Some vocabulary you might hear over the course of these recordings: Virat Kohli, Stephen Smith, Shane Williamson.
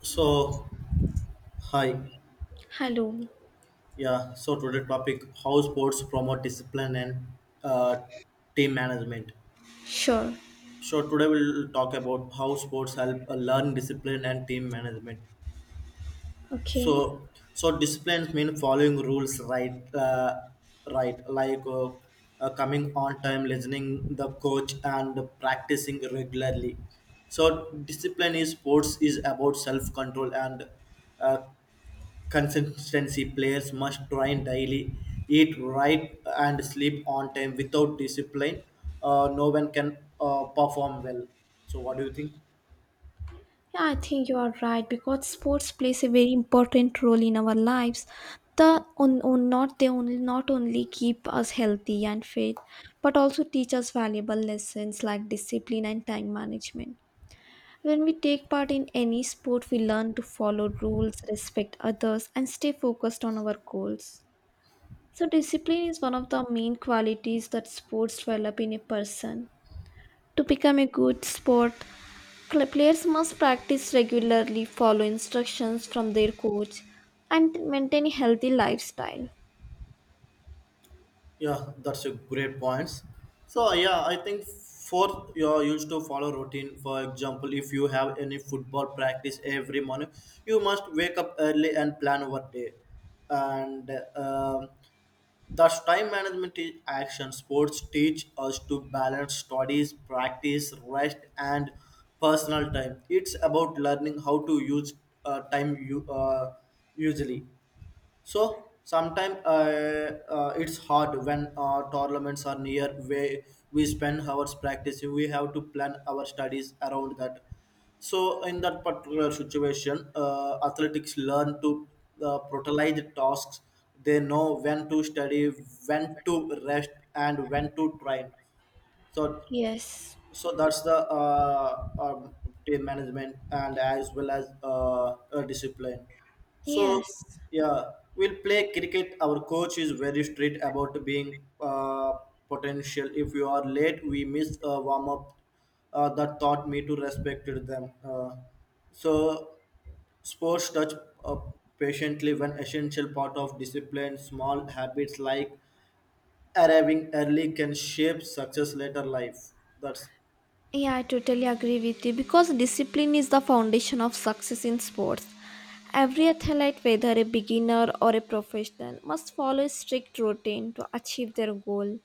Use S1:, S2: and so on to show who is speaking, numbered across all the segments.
S1: So, hi,
S2: Hello.
S1: yeah. So today topic: how sports promote discipline and uh, team management.
S2: Sure.
S1: So today we'll talk about how sports help learn discipline and team management.
S2: Okay.
S1: So, so, discipline means following rules, right? Right, like coming on time, listening the coach, and practicing regularly. So discipline is sports is about self control and uh, consistency players must train daily, eat right, and sleep on time without discipline, no one can perform well. So what do you think?
S2: Yeah, I think you are right because sports plays a very important role in our lives. The on not they only not only keep us healthy and fit, but also teach us valuable lessons like discipline and time management. When we take part in any sport, we learn to follow rules, respect others, and stay focused on our goals. So, discipline is one of the main qualities that sports develop in a person. To become a good sport, players must practice regularly, follow instructions from their coach, and maintain a healthy lifestyle.
S1: Yeah, that's a great points. So yeah, I think for you're used to follow routine. For example, if you have any football practice every morning, you must wake up early and plan over day. And um, thus, time management is action. Sports teach us to balance studies, practice, rest, and personal time. It's about learning how to use time you usually. So sometimes it's hard when tournaments are near where we spend hours practicing. We have to plan our studies around that. So in that particular situation, athletics learn to prioritize the tasks. They know when to study, when to rest, and when to train. So
S2: Yes,
S1: so that's the team management and as well as discipline. So
S2: yes.
S1: yeah, we'll play cricket. Our coach is very strict about being potential. If you are late, we miss a warm up. That taught me to respect them. So sports touch uh, patiently when essential part of discipline. Small habits like arriving early can shape success later life. That's
S2: Yeah, I totally agree with you because discipline is the foundation of success in sports. Every athlete, whether a beginner or a professional, must follow a strict routine to achieve their goal.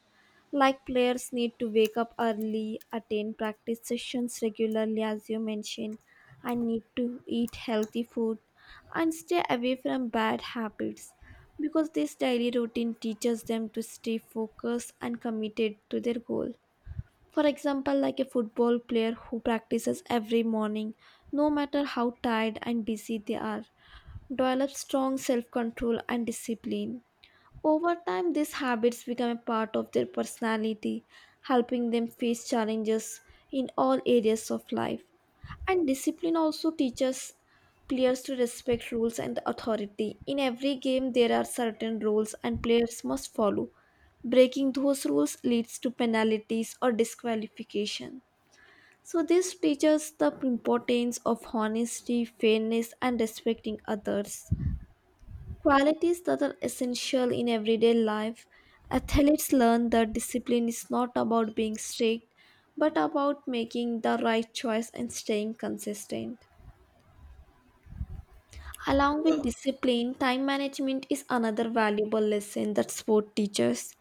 S2: Like players need to wake up early, attend practice sessions regularly, as you mentioned, and need to eat healthy food and stay away from bad habits because this daily routine teaches them to stay focused and committed to their goal. For example, like a football player who practices every morning, no matter how tired and busy they are, develops strong self control and discipline. Over time, these habits become a part of their personality, helping them face challenges in all areas of life. And discipline also teaches players to respect rules and authority. In every game, there are certain rules, and players must follow. Breaking those rules leads to penalties or disqualification. So, this teaches the importance of honesty, fairness, and respecting others. Qualities that are essential in everyday life. Athletes learn that discipline is not about being strict, but about making the right choice and staying consistent. Along with discipline, time management is another valuable lesson that sport teaches.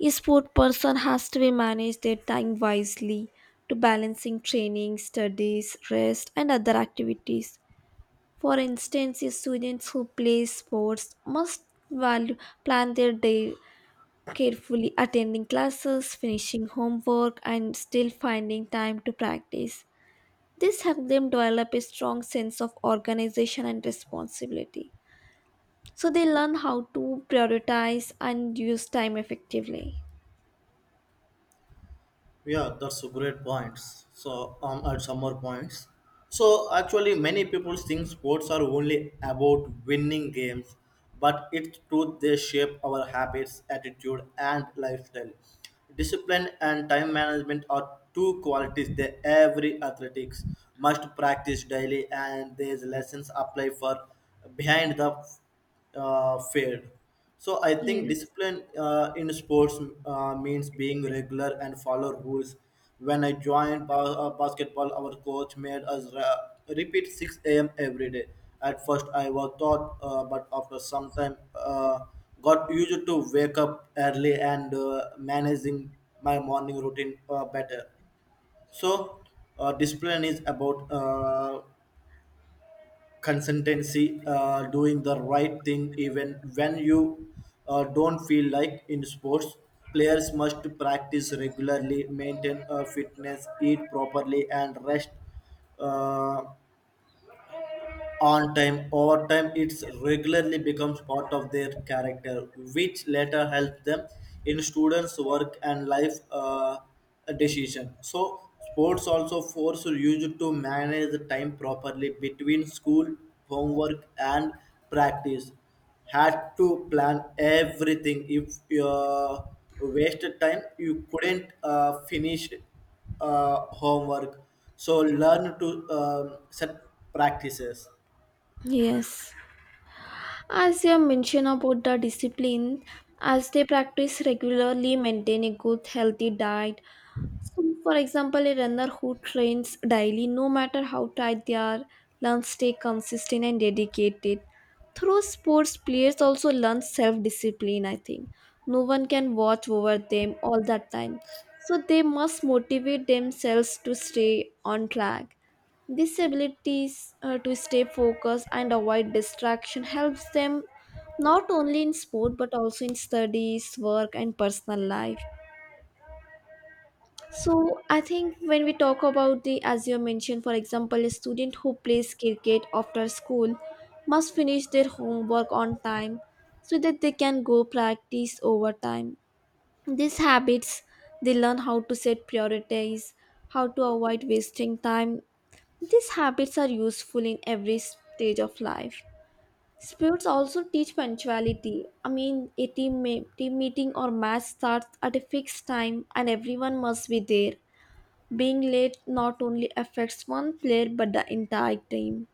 S2: A sport person has to be manage their time wisely to balancing training, studies, rest, and other activities. For instance, students who play sports must value plan their day carefully, attending classes, finishing homework, and still finding time to practice. This helps them develop a strong sense of organization and responsibility. So they learn how to prioritize and use time effectively.
S1: yeah, that's a great points. So at some more points. So actually, many people think sports are only about winning games, but it's true they shape our habits, attitude, and lifestyle. Discipline and time management are two qualities that every athletics must practice daily, and these lessons apply for behind the failed. So I think
S2: Yes.
S1: discipline in sports means being regular and follow rules. When I joined basketball, our coach made us repeat 6 a.m. every day. At first, I was taught, but after some time, got used to wake up early and managing my morning routine better. So, discipline is about consistency, doing the right thing even when you don't feel like in sports. Players must practice regularly, maintain a fitness, eat properly, and rest. Uh, on time. Over time, it regularly becomes part of their character, which later helps them in students' work and life decision. So, sports also force you to manage the time properly between school, homework, and practice. Had to plan everything. If you wasted time, you couldn't finish homework. So learn to set practices.
S2: Yes. As you mentioned about the discipline, as they practice regularly, maintain a good healthy diet, so, for example, a runner who trains daily, no matter how tight they are, learns stay consistent and dedicated. Through sports, players also learn self discipline, I think. No one can watch over them all the time. So, they must motivate themselves to stay on track. This abilities to stay focused and avoid distraction helps them not only in sport but also in studies, work, and personal life. So I think when we talk about the, as you mentioned, for example, a student who plays cricket after school must finish their homework on time so that they can go practice overtime. These habits, they learn how to set priorities, how to avoid wasting time. These habits are useful in every stage of life. Sports also teach punctuality. I mean, a team meeting or match starts at a fixed time and everyone must be there being late not only affects one player but the entire team.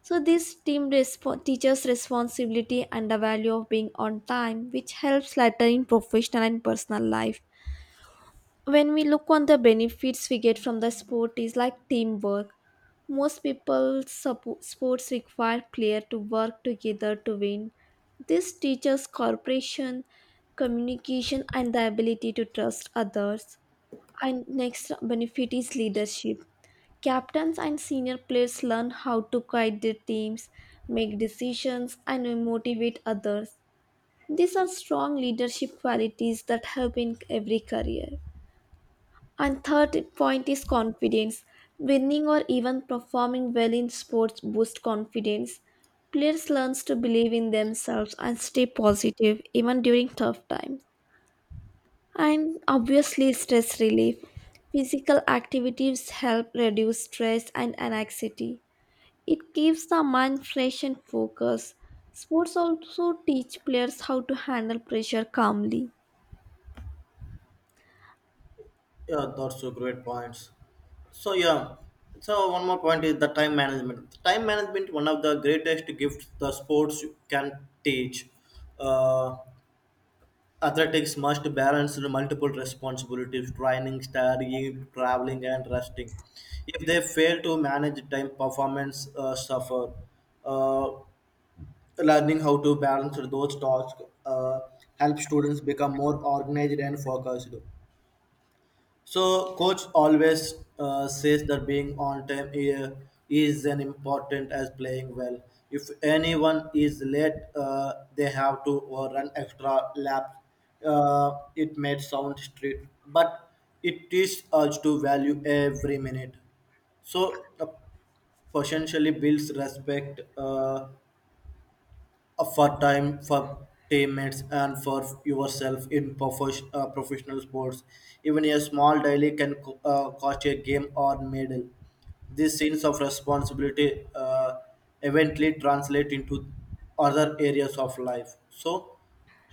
S2: So this teaches responsibility and the value of being on time, which helps later in professional and personal life. When we look on the benefits we get from the sport is like teamwork. Most people sports require player to work together to win. This teaches cooperation, communication, and the ability to trust others. And next benefit is leadership. Captains and senior players learn how to guide their teams, make decisions, and motivate others. These are strong leadership qualities that help in every career. And third point is confidence. Winning or even performing well in sports boosts confidence. Players learn to believe in themselves and stay positive even during tough times. And obviously, stress relief. Physical activities help reduce stress and anxiety. It keeps the mind fresh and focused. Sports also teach players how to handle pressure calmly.
S1: Yeah, that's a great points. So yeah, so one more point is the time management. The time management one of the greatest gifts the sports can teach. Uh, Athletics must balance the multiple responsibilities: training, studying, traveling, and resting. If they fail to manage time, performance suffer. Uh, Learning how to balance those tasks help students become more organized and focused. So coach always says that being on time is an important as playing well. If anyone is late, they have to run extra laps. It may sound strict, but it teaches us to value every minute. So potentially builds respect. For time, for teammates, and for yourself in professional sports, even a small daily can cost a game or medal. These sense of responsibility eventually translate into other areas of life. So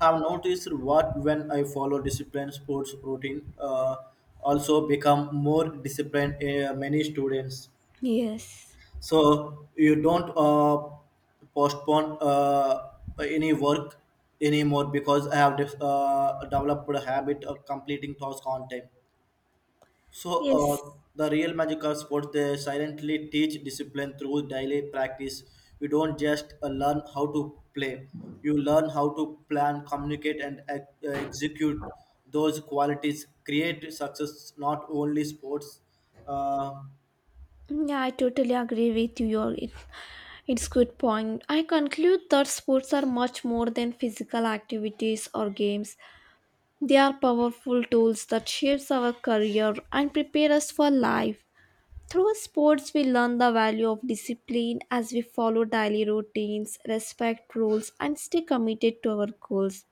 S1: have noticed what when I follow disciplined sports routine, also become more disciplined, many students.
S2: Yes.
S1: So you don't postpone any work anymore because I have developed a habit of completing tasks on time. So
S2: Yes.
S1: uh, the real magic of sports they silently teach discipline through daily practice. You don't just learn how to play, you learn how to plan, communicate, and execute. Those qualities create success not only sports. Uh,
S2: Yeah, I totally agree with you. It's good point. I conclude that sports are much more than physical activities or games. They are powerful tools that shapes our career and prepare us for life. Through sports, we learn the value of discipline as we follow daily routines, respect rules, and stay committed to our goals.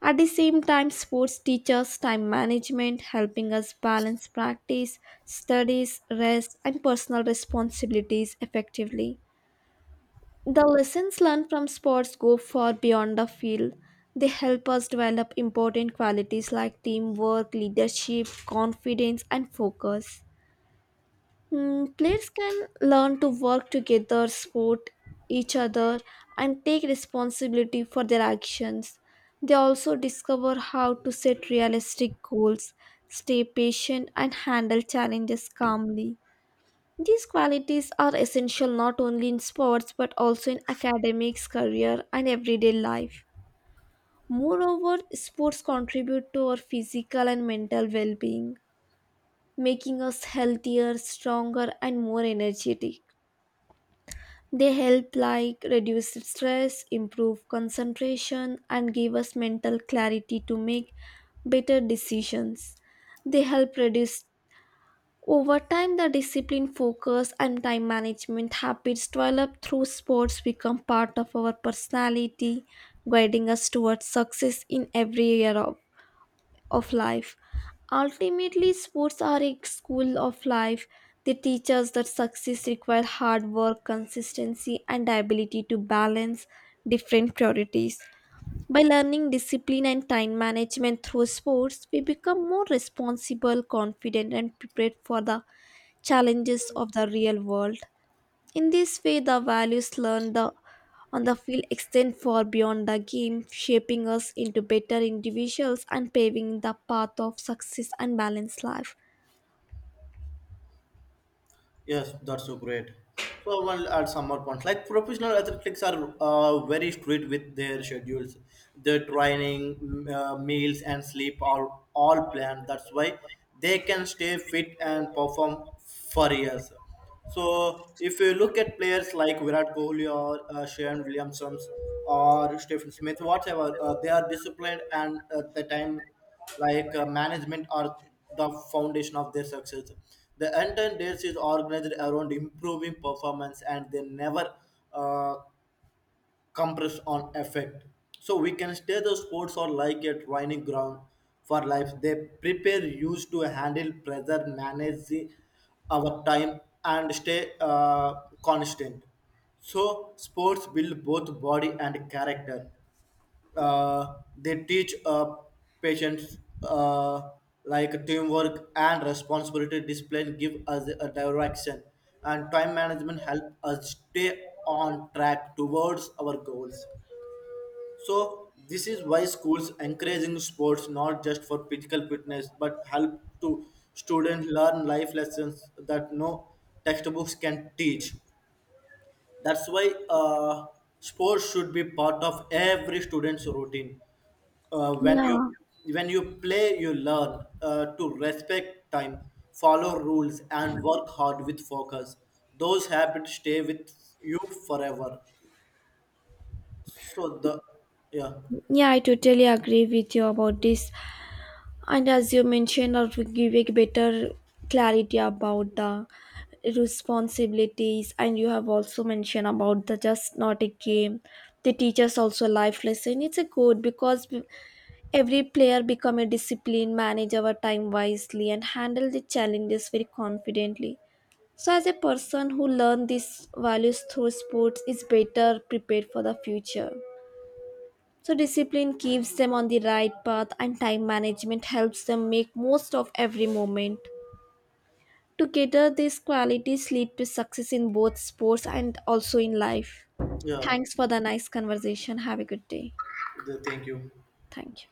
S2: At the same time, sports teach us time management, helping us balance practice, studies, rest, and personal responsibilities effectively. The lessons learned from sports go far beyond the field. They help us develop important qualities like teamwork, leadership, confidence, and focus. Mm, players can learn to work together, support each other, and take responsibility for their actions. They also discover how to set realistic goals, stay patient, and handle challenges calmly. These qualities are essential not only in sports but also in academics, career, and everyday life. Moreover, sports contribute to our physical and mental well being, making us healthier, stronger, and more energetic. They help like reduce stress, improve concentration and give us mental clarity to make better decisions. They help reduce Over time the discipline focus and time management habits developed through sports become part of our personality guiding us towards success in every area of life. Ultimately, sports are a school of life. They teach us that success requires hard work, consistency, and the ability to balance different priorities. By learning discipline and time management through sports, we become more responsible, confident, and prepared for the challenges of the real world. In this way, the values learned the, on the field extend far beyond the game, shaping us into better individuals and paving the path of success and balanced life.
S1: Yes, that's so great. So I want to add some more points. Like professional athletics are very strict with their schedules. Their training, meals, and sleep are all planned. That's why they can stay fit and perform for years. So if you look at players like Virat Kohli or Shane Williamson or Stephen Smith, whatever, they are disciplined and the time like management are the foundation of their success. The entire days is organized around improving performance and they never uh, compress on effect. So we can stay the sports are like a training ground for life. They prepare used to handle pressure, manage the, our time and stay constant. So sports build both body and character. They teach patients like teamwork and responsibility. Discipline give us a direction and time management help us stay on track towards our goals. So this is why schools encouraging sports not just for physical fitness but help to students learn life lessons that no textbooks can teach. That's why sports should be part of every student's routine. When you
S2: Yeah,
S1: when you play, you learn to respect time, follow rules, and work hard with focus. Those habits stay with you forever. So the yeah,
S2: yeah, I totally agree with you about this. And as you mentioned, I will give a better clarity about the responsibilities. And you have also mentioned about the just not a game. The teachers also life lesson. It's a good because every player become a discipline, manage our time wisely, and handle the challenges very confidently. So, as a person who learn these values through sports, is better prepared for the future. So, discipline keeps them on the right path, and time management helps them make most of every moment. Together, these qualities lead to success in both sports and also in life.
S1: yeah,
S2: Thanks for the nice conversation. Have a good day.
S1: the, thank you.
S2: Thank you.